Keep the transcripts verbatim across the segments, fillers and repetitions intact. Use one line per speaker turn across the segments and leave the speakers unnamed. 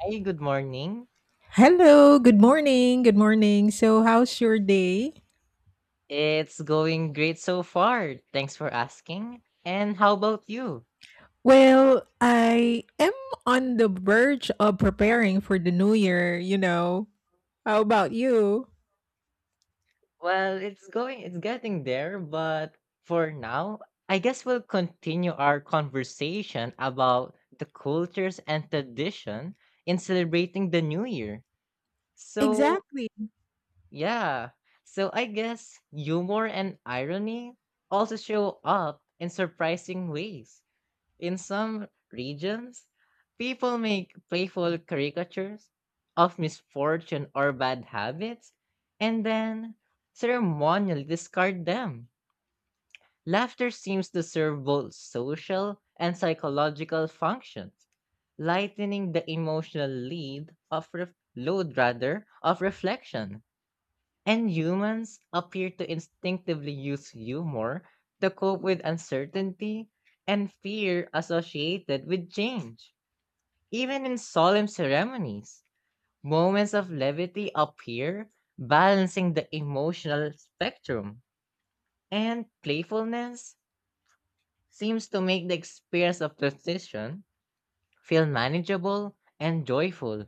Hey, good morning.
Hello, good morning. Good morning. So, how's your day?
It's going great so far. Thanks for asking. And how about you?
Well, I am on the verge of preparing for the new year, you know. How about you?
Well, it's going, it's getting there, but for now, I guess we'll continue our conversation about the cultures and tradition in celebrating the New Year. So,
Exactly.
yeah. So, I guess humor and irony also show up in surprising ways. In some regions, people make playful caricatures of misfortune or bad habits and then ceremonially discard them. Laughter seems to serve both social and psychological functions, lightening the emotional lead of ref- load rather of reflection. And humans appear to instinctively use humor to cope with uncertainty and fear associated with change. Even in solemn ceremonies, moments of levity appear, balancing the emotional spectrum. And playfulness seems to make the experience of transition feel manageable and joyful.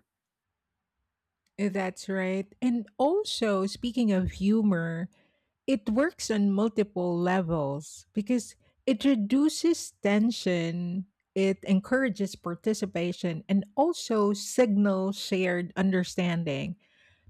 That's right. And also, speaking of humor, it works on multiple levels because it reduces tension, it encourages participation, and also signals shared understanding.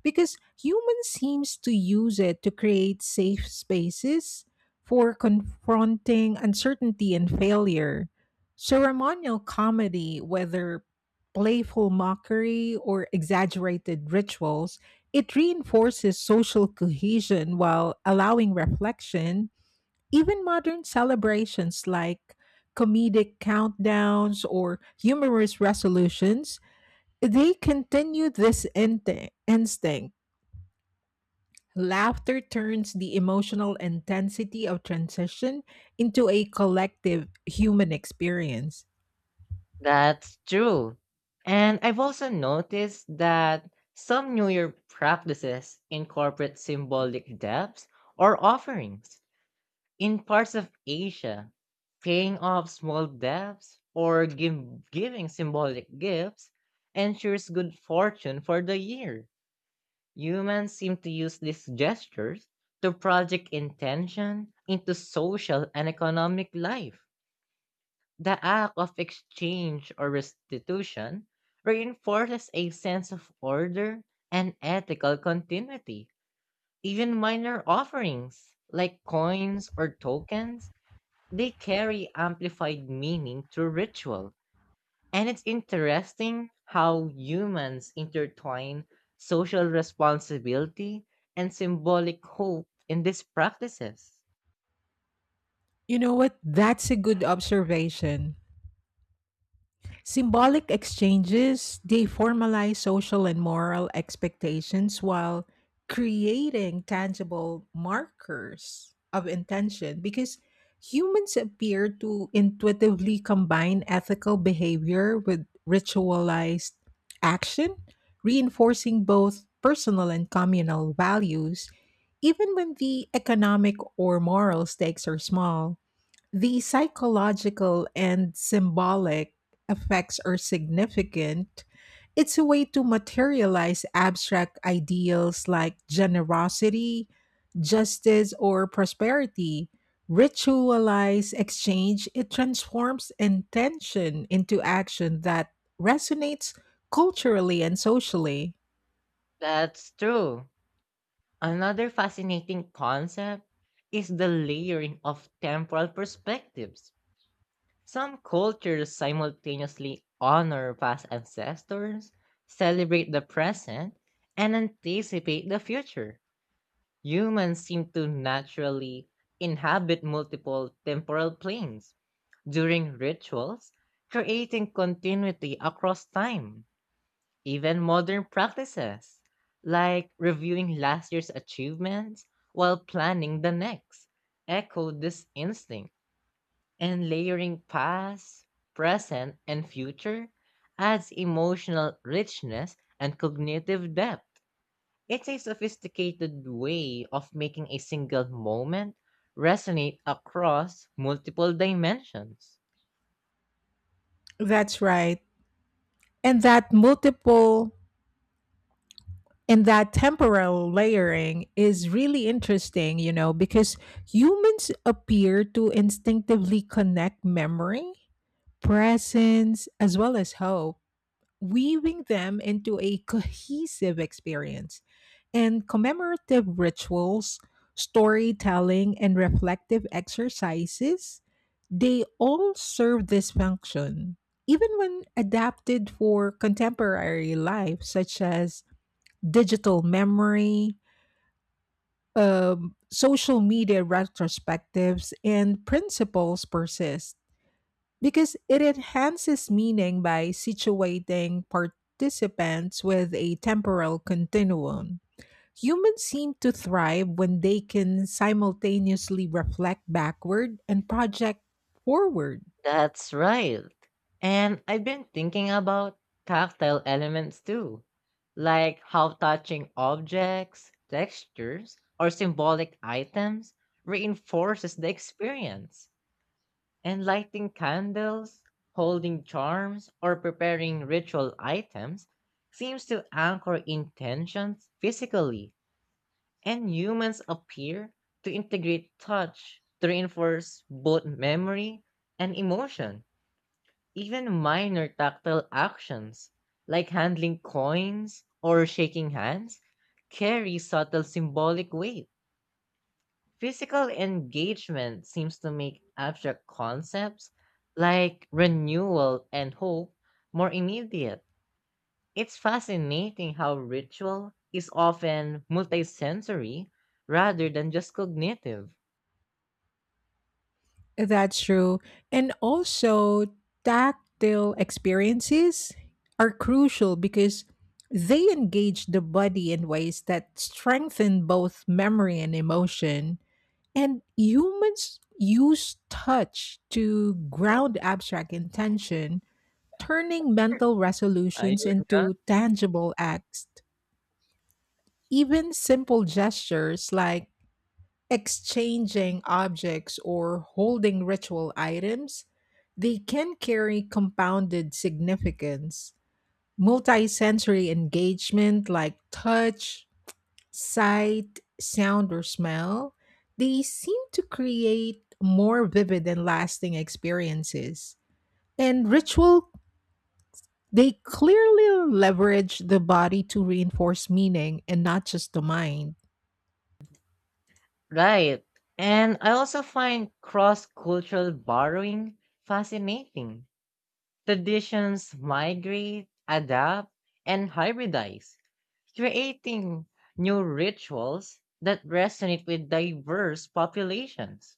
Because humans seems to use it to create safe spaces for confronting uncertainty and failure. Ceremonial comedy, whether playful mockery or exaggerated rituals, it reinforces social cohesion while allowing reflection. Even modern celebrations like comedic countdowns or humorous resolutions, they continue this inte- instinct. Laughter turns the emotional intensity of transition into a collective human experience.
That's true. And I've also noticed that some New Year practices incorporate symbolic debts or offerings. In parts of Asia, paying off small debts or give, giving symbolic gifts ensures good fortune for the year. Humans seem to use these gestures to project intention into social and economic life. The act of exchange or restitution reinforces a sense of order and ethical continuity. Even minor offerings, like coins or tokens, they carry amplified meaning through ritual. And it's interesting how humans intertwine social responsibility and symbolic hope in these practices.
You know what? That's a good observation. Symbolic exchanges, they formalize social and moral expectations while creating tangible markers of intention because humans appear to intuitively combine ethical behavior with ritualized action, reinforcing both personal and communal values, even when the economic or moral stakes are small. The psychological and symbolic effects are significant. It's a way to materialize abstract ideals like generosity, justice, or prosperity. Ritualize exchange, it transforms intention into action that resonates culturally and socially.
That's true. Another fascinating concept is the layering of temporal perspectives. Some cultures simultaneously honor past ancestors, celebrate the present, and anticipate the future. Humans seem to naturally inhabit multiple temporal planes during rituals, creating continuity across time. Even modern practices, like reviewing last year's achievements while planning the next, echo this instinct, and layering past, present, and future adds emotional richness and cognitive depth. It's a sophisticated way of making a single moment resonate across multiple dimensions.
That's right. And that multiple And that temporal layering is really interesting, you know, because humans appear to instinctively connect memory, presence, as well as hope, weaving them into a cohesive experience. And commemorative rituals, storytelling, and reflective exercises, they all serve this function. Even when adapted for contemporary life, such as digital memory, um, social media retrospectives, and principles persist because it enhances meaning by situating participants with a temporal continuum. Humans seem to thrive when they can simultaneously reflect backward and project forward.
That's right. And I've been thinking about tactile elements too, like how touching objects, textures, or symbolic items reinforces the experience. And lighting candles, holding charms, or preparing ritual items seems to anchor intentions physically, and humans appear to integrate touch to reinforce both memory and emotion. Even minor tactile actions, like handling coins or shaking hands, carry subtle symbolic weight. Physical engagement seems to make abstract concepts like renewal and hope more immediate. It's fascinating how ritual is often multisensory rather than just cognitive.
That's true. And also, tactile experiences are crucial because they engage the body in ways that strengthen both memory and emotion. And humans use touch to ground abstract intention, turning mental
I
resolutions into tangible acts. Even simple gestures like exchanging objects or holding ritual items, they can carry compounded significance. Multisensory engagement like touch, sight, sound, or smell, they seem to create more vivid and lasting experiences. And ritual, they clearly leverage the body to reinforce meaning and not just the mind.
Right. And I also find cross cultural borrowing fascinating. Traditions migrate, adapt, and hybridize, creating new rituals that resonate with diverse populations.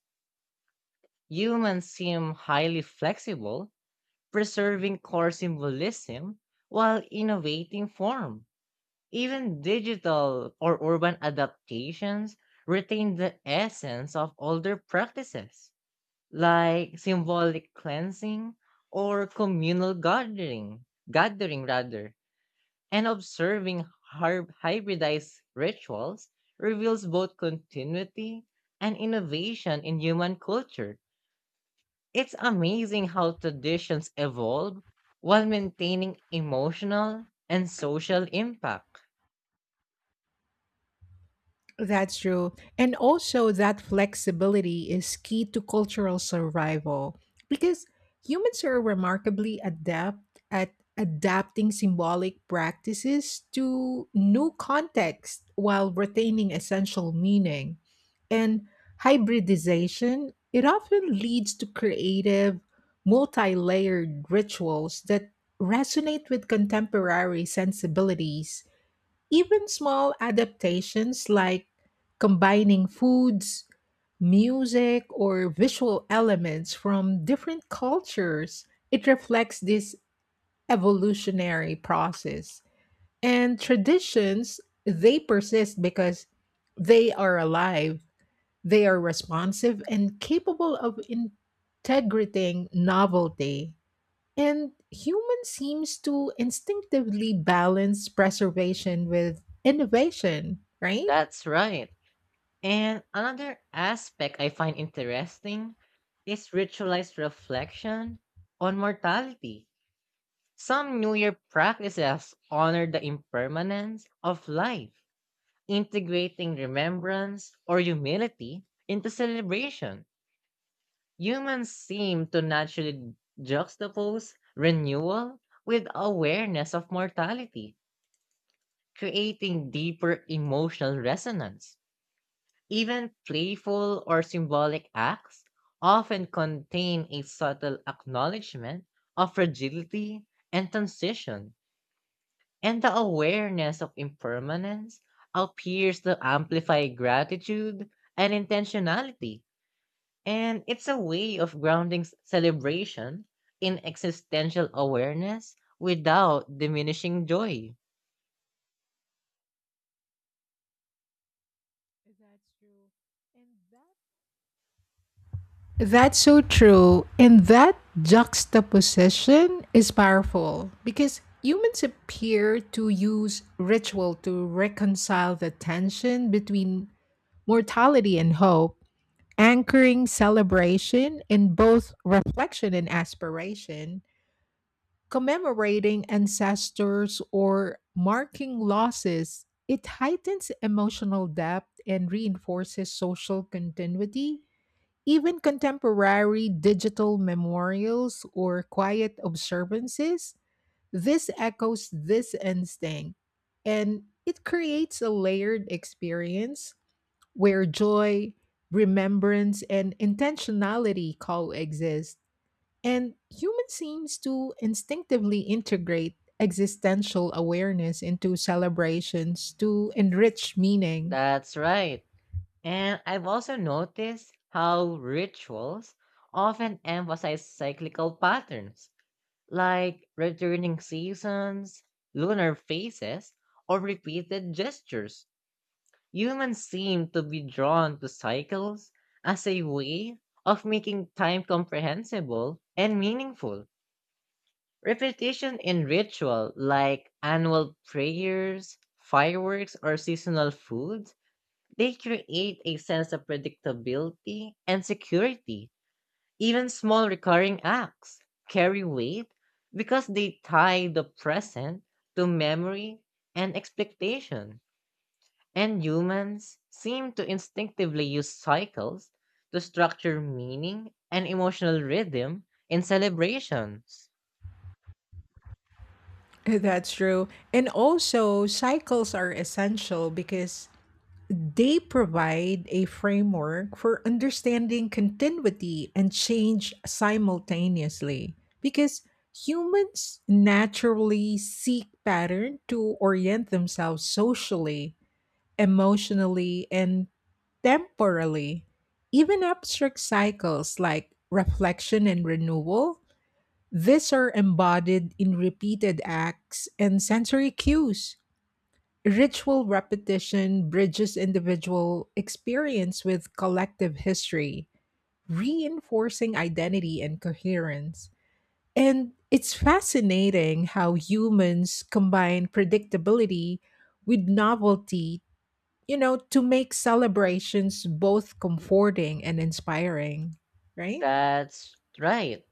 Humans seem highly flexible, preserving core symbolism while innovating form. Even digital or urban adaptations retain the essence of older practices like symbolic cleansing or communal gathering, gathering rather, and observing har- hybridized rituals reveals both continuity and innovation in human culture. It's amazing how traditions evolve while maintaining emotional and social impact.
That's true. And also, that flexibility is key to cultural survival because humans are remarkably adept at adapting symbolic practices to new contexts while retaining essential meaning. And hybridization, it often leads to creative, multi layered rituals that resonate with contemporary sensibilities. Even small adaptations like combining foods, music, or visual elements from different cultures, it reflects this evolutionary process. And traditions, they persist because they are alive, they are responsive, and capable of integrating novelty and human seems to instinctively balance preservation with innovation, right?
That's right. And another aspect I find interesting is ritualized reflection on mortality. Some New Year practices honor the impermanence of life, integrating remembrance or humility into celebration. Humans seem to naturally juxtapose renewal with awareness of mortality, creating deeper emotional resonance. Even playful or symbolic acts often contain a subtle acknowledgement of fragility and transition. And the awareness of impermanence appears to amplify gratitude and intentionality. And it's a way of grounding s- celebration in existential awareness without diminishing joy.
That's true. And that That's so true. And that juxtaposition is powerful because humans appear to use ritual to reconcile the tension between mortality and hope, anchoring celebration in both reflection and aspiration. Commemorating ancestors or marking losses, it heightens emotional depth and reinforces social continuity. Even contemporary digital memorials or quiet observances, this echoes this instinct. And it creates a layered experience where joy, remembrance, and intentionality coexist. And human seems to instinctively integrate existential awareness into celebrations to enrich meaning.
That's right. And I've also noticed how rituals often emphasize cyclical patterns, like returning seasons, lunar phases, or repeated gestures. Humans seem to be drawn to cycles as a way of making time comprehensible and meaningful. Repetition in ritual, like annual prayers, fireworks, or seasonal foods, they create a sense of predictability and security. Even small recurring acts carry weight because they tie the present to memory and expectation. And humans seem to instinctively use cycles to structure meaning and emotional rhythm in celebrations.
That's true. And also, cycles are essential because they provide a framework for understanding continuity and change simultaneously. Because humans naturally seek pattern to orient themselves socially, emotionally, and temporally. Even abstract cycles like reflection and renewal, these are embodied in repeated acts and sensory cues. Ritual repetition bridges individual experience with collective history, reinforcing identity and coherence. And it's fascinating how humans combine predictability with novelty, you know, to make celebrations both comforting and inspiring, right?
That's right.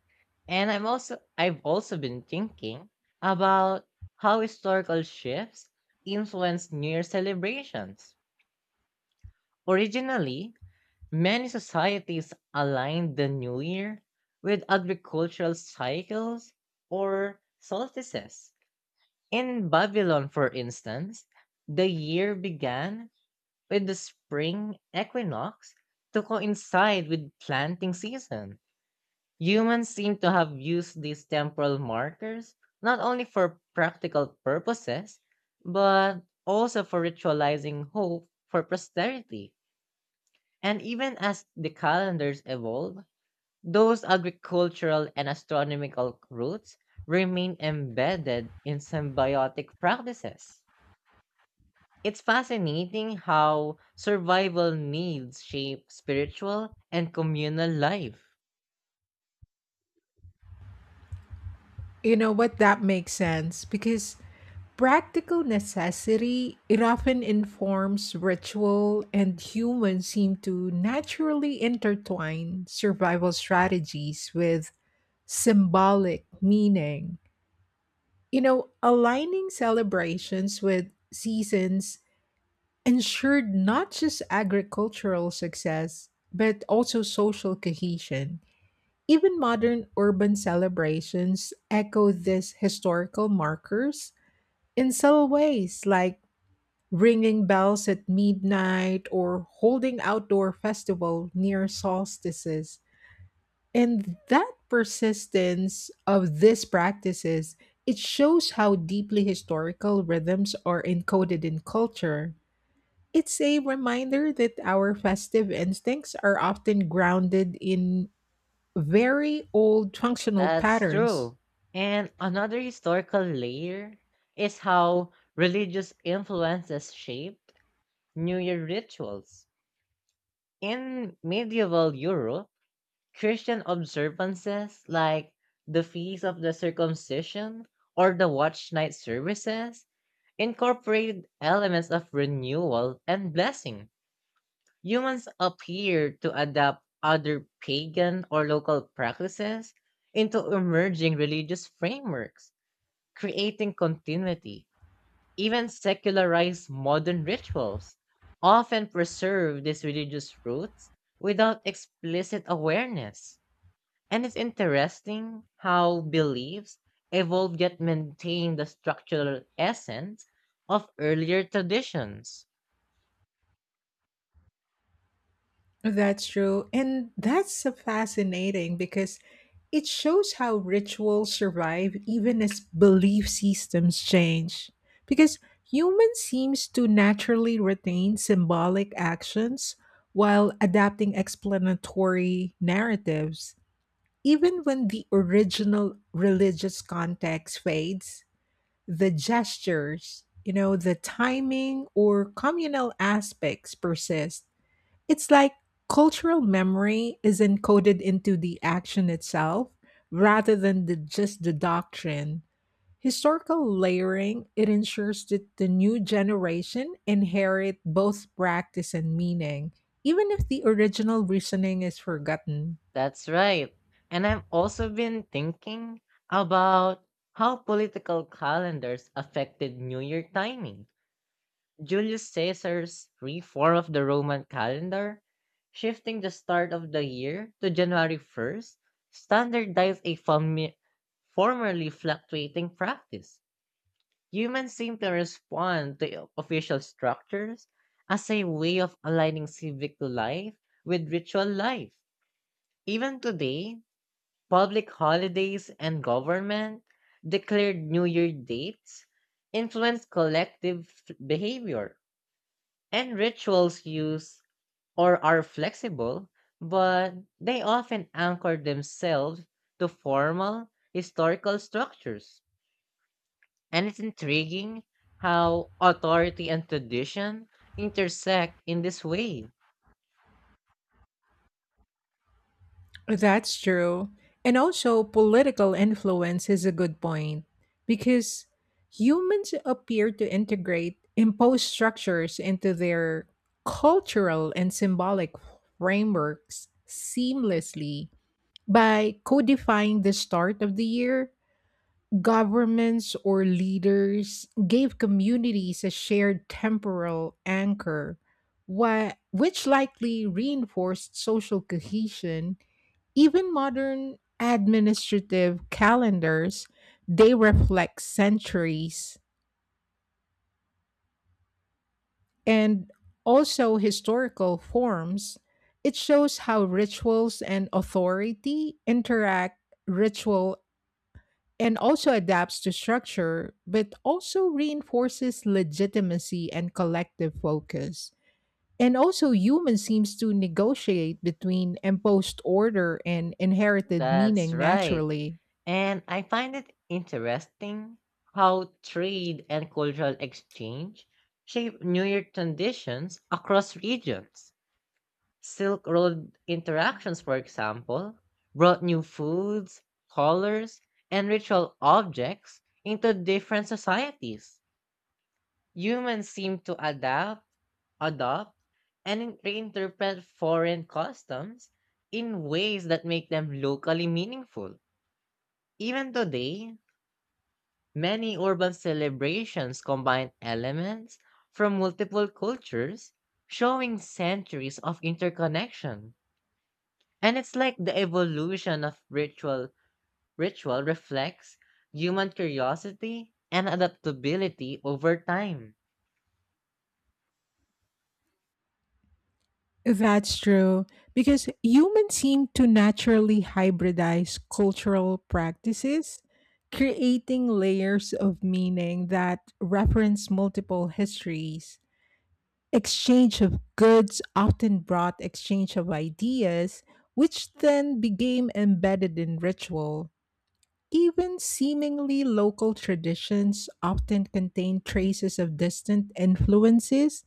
And I'm also I've also been thinking about how historical shifts influence New Year celebrations. Originally, many societies aligned the New Year with agricultural cycles or solstices. In Babylon, for instance, the year began with the spring equinox to coincide with planting season. Humans seem to have used these temporal markers not only for practical purposes, but also for ritualizing hope for posterity. And even as the calendars evolve, those agricultural and astronomical roots remain embedded in symbiotic practices. It's fascinating how survival needs shape spiritual and communal life.
You know what? That makes sense because practical necessity, it often informs ritual, and humans seem to naturally intertwine survival strategies with symbolic meaning. You know, aligning celebrations with seasons ensured not just agricultural success, but also social cohesion. Even modern urban celebrations echo these historical markers in subtle ways, like ringing bells at midnight or holding outdoor festival near solstices. And that persistence of these practices, it shows how deeply historical rhythms are encoded in culture. It's a reminder that our festive instincts are often grounded in very old functional
That's
patterns.
true. And another historical layer is how religious influences shaped New Year rituals. In medieval Europe, Christian observances like the Feast of the Circumcision or the Watch Night services incorporated elements of renewal and blessing. Humans appear to adapt other pagan or local practices into emerging religious frameworks, creating continuity. Even secularized modern rituals often preserve these religious roots without explicit awareness. And it's interesting how beliefs evolve yet maintain the structural essence of earlier traditions.
That's true. And that's uh, fascinating because it shows how rituals survive even as belief systems change. Because human seems to naturally retain symbolic actions while adapting explanatory narratives, even when the original religious context fades. The gestures, you know, the timing or communal aspects persist. It's like cultural memory is encoded into the action itself rather than the, just the doctrine. Historical layering, it ensures that the new generation inherit both practice and meaning, even if the original reasoning is forgotten.
That's right. And I've also been thinking about how political calendars affected New Year timing. Julius Caesar's reform of the Roman calendar, shifting the start of the year to January first, standardized a fami- formerly fluctuating practice. Humans seem to respond to official structures as a way of aligning civic life with ritual life. Even today, public holidays and government declared New Year dates influence collective f- behavior, and rituals use or are flexible, but they often anchor themselves to formal historical structures. And it's intriguing how authority and tradition intersect in this way.
That's true. And also, political influence is a good point because humans appear to integrate imposed structures into their cultural and symbolic frameworks seamlessly by codifying the start of the year. Governments or leaders gave communities a shared temporal anchor, whi- which likely reinforced social cohesion even modern administrative calendars, they reflect centuries and also historical forms. It shows how rituals and authority interact ritual and also adapts to structure, but also reinforces legitimacy and collective focus. And also, human seems to negotiate between imposed order and inherited
That's
meaning
right.
naturally.
And I find it interesting how trade and cultural exchange shape New Year traditions across regions. Silk Road interactions, for example, brought new foods, colors, and ritual objects into different societies. Humans seem to adapt, adopt, and reinterpret foreign customs in ways that make them locally meaningful. Even today, many urban celebrations combine elements from multiple cultures, showing centuries of interconnection. And it's like the evolution of ritual ritual reflects human curiosity and adaptability over time.
That's true, because humans seem to naturally hybridize cultural practices, creating layers of meaning that reference multiple histories. Exchange of goods often brought exchange of ideas, which then became embedded in ritual. Even seemingly local traditions often contain traces of distant influences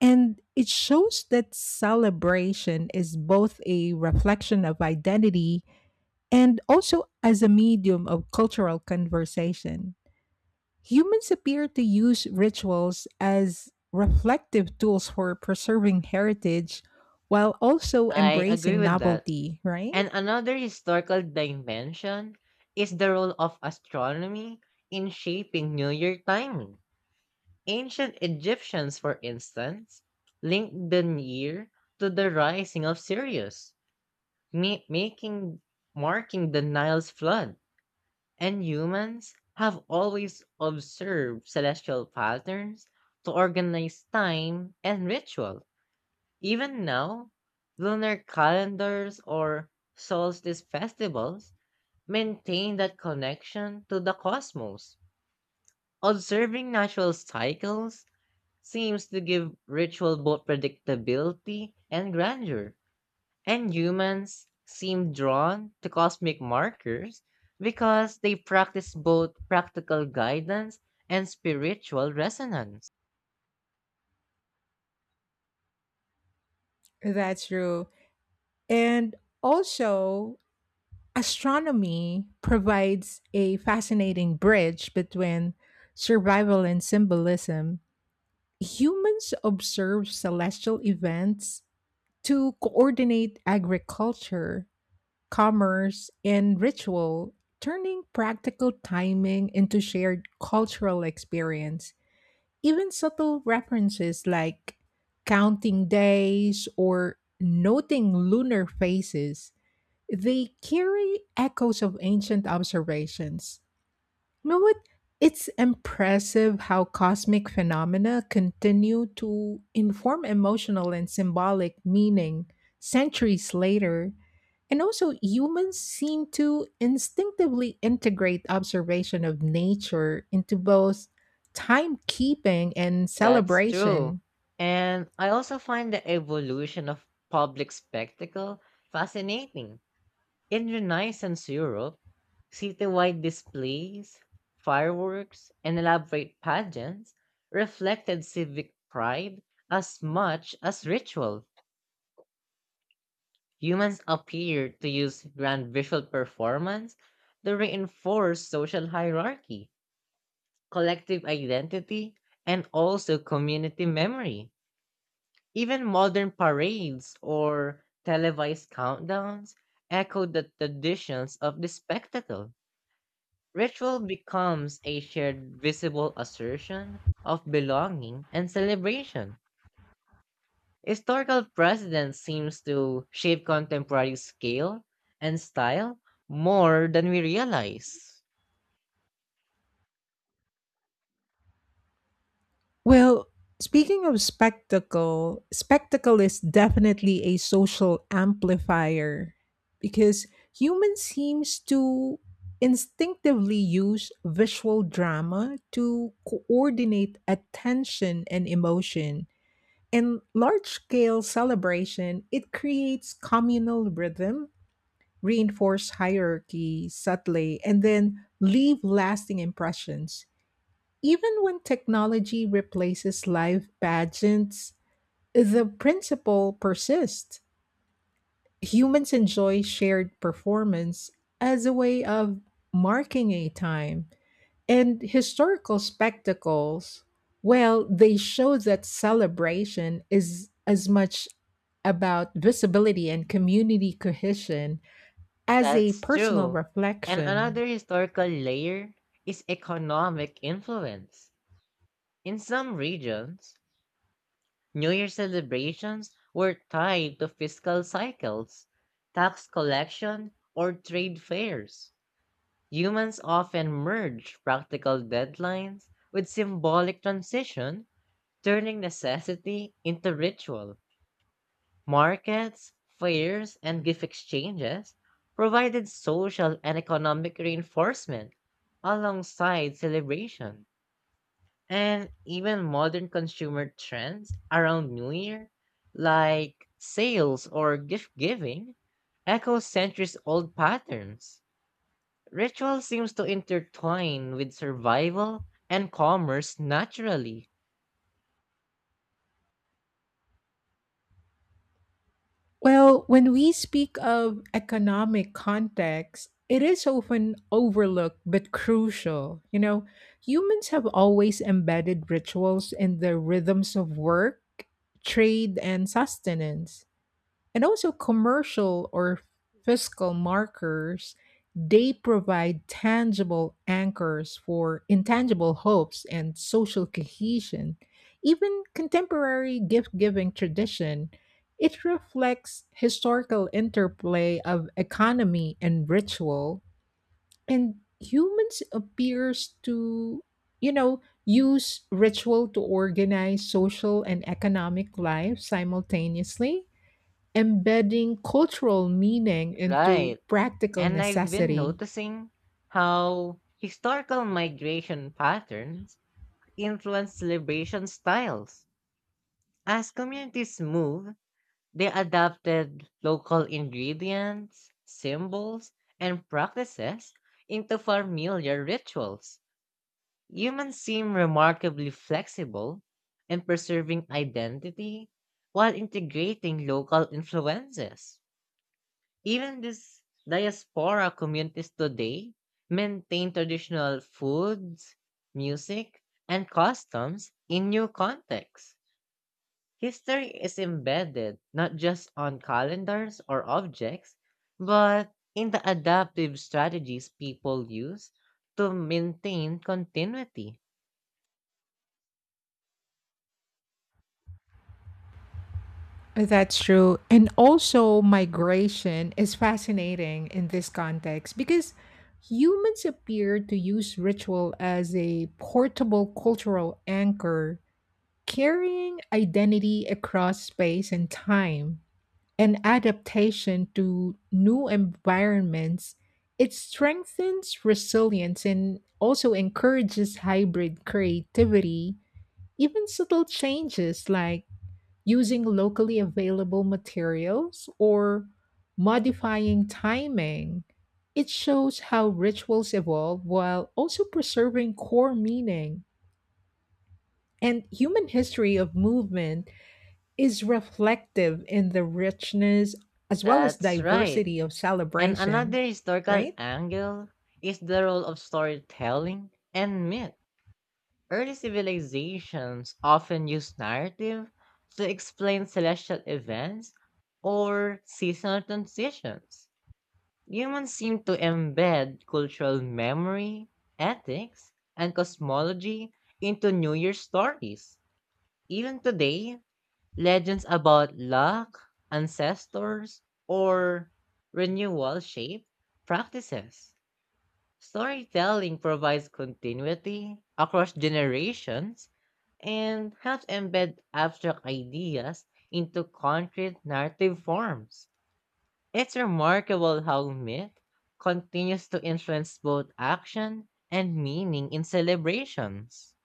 and it shows that celebration is both a reflection of identity and also as a medium of cultural conversation. Humans appear to use rituals as reflective tools for preserving heritage while also
I agree
embracing
with that.
novelty, right?
And another historical dimension is the role of astronomy in shaping New Year timing. Ancient Egyptians, for instance, linked the year to the rising of Sirius, ma- making marking the Nile's flood. And humans have always observed celestial patterns to organize time and ritual. Even now, lunar calendars or solstice festivals maintain that connection to the cosmos. Observing natural cycles seems to give ritual both predictability and grandeur. And humans seem drawn to cosmic markers because they practice both practical guidance and spiritual resonance.
That's true. And also, astronomy provides a fascinating bridge between survival and symbolism. Humans observe celestial events to coordinate agriculture, commerce, and ritual, turning practical timing into shared cultural experience. Even subtle references like counting days or noting lunar phases, they carry echoes of ancient observations. You know what? It's impressive how cosmic phenomena continue to inform emotional and symbolic meaning centuries later. And also, humans seem to instinctively integrate observation of nature into both timekeeping and
That's true.
celebration.
And I also find the evolution of public spectacle fascinating. In Renaissance Europe, citywide displays, fireworks, and elaborate pageants reflected civic pride as much as ritual. Humans appear to use grand visual performance to reinforce social hierarchy, collective identity, and also community memory. Even modern parades or televised countdowns echo the traditions of the spectacle. Ritual becomes a shared visible assertion of belonging and celebration. Historical precedent seems to shape contemporary scale and style more than we realize.
Well, speaking of spectacle, spectacle is definitely a social amplifier because humans seems to instinctively use visual drama to coordinate attention and emotion. In large-scale celebration, it creates communal rhythm, reinforce hierarchy subtly, and then leave lasting impressions even when technology replaces live pageants, the principle persists. Humans enjoy shared performance as a way of marking a time. And historical spectacles, well, they show that celebration is as much about visibility and community cohesion as a
That's
personal
true. And
reflection.
another historical layer is economic influence. In some regions, New Year celebrations were tied to fiscal cycles, tax collection, or trade fairs. Humans often merge practical deadlines with symbolic transition, turning necessity into ritual. Markets, fairs, and gift exchanges provided social and economic reinforcement alongside celebration. And even modern consumer trends around New Year, like sales or gift giving, echo centuries old patterns. Ritual seems to intertwine with survival and commerce naturally.
Well, when we speak of economic context, it is often overlooked but crucial. You know, humans have always embedded rituals in the rhythms of work, trade, and sustenance. And also commercial or fiscal markers, they provide tangible anchors for intangible hopes and social cohesion. Even contemporary gift-giving tradition, it reflects historical interplay of economy and ritual, and humans appears to, you know, use ritual to organize social and economic life simultaneously embedding cultural meaning into
Right.
practical
And I've been
necessity.
noticing how historical migration patterns influence celebration styles. As communities move, they adapted local ingredients, symbols, and practices into familiar rituals. Humans seem remarkably flexible in preserving identity while integrating local influences. Even these diaspora communities today maintain traditional foods, music, and customs in new contexts. History is embedded not just on calendars or objects, but in the adaptive strategies people use to maintain continuity.
That's true. And also, migration is fascinating in this context because humans appear to use ritual as a portable cultural anchor, carrying identity across space and time. And adaptation to new environments, it strengthens resilience and also encourages hybrid creativity. Even subtle changes like using locally available materials or modifying timing, it shows how rituals evolve while also preserving core meaning. And human history of movement is reflective in the richness as well as
That's right.
diversity of
And
celebration,
another historical
right?
angle is the role of storytelling and myth. Early civilizations often used narrative to explain celestial events or seasonal transitions. Humans seem to embed cultural memory, ethics, and cosmology into New Year's stories. Even today, legends about luck, ancestors, or renewal shape practices. Storytelling provides continuity across generations and helps embed abstract ideas into concrete narrative forms. It's remarkable how myth continues to influence both action and meaning in celebrations.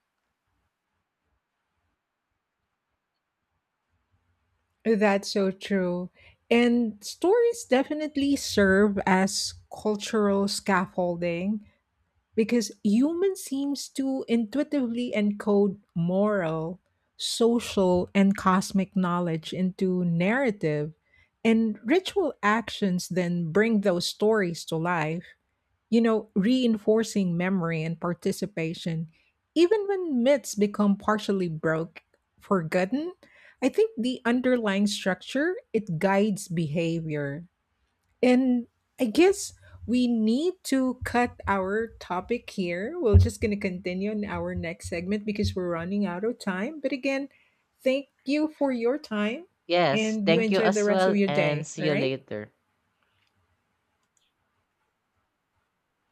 That's so true. And stories definitely serve as cultural scaffolding because human seems to intuitively encode moral, social, and cosmic knowledge into narrative, and ritual actions then bring those stories to life, you know, reinforcing memory and participation. Even when myths become partially broke, forgotten, I think the underlying structure, it guides behavior. And I guess we need to cut our topic here. We're just going to continue in our next segment because we're running out of time. But again, thank you for your time
Yes,
and you
thank you
enjoy the
as
rest of
well
your
and
day.
see
All
you
right.
later.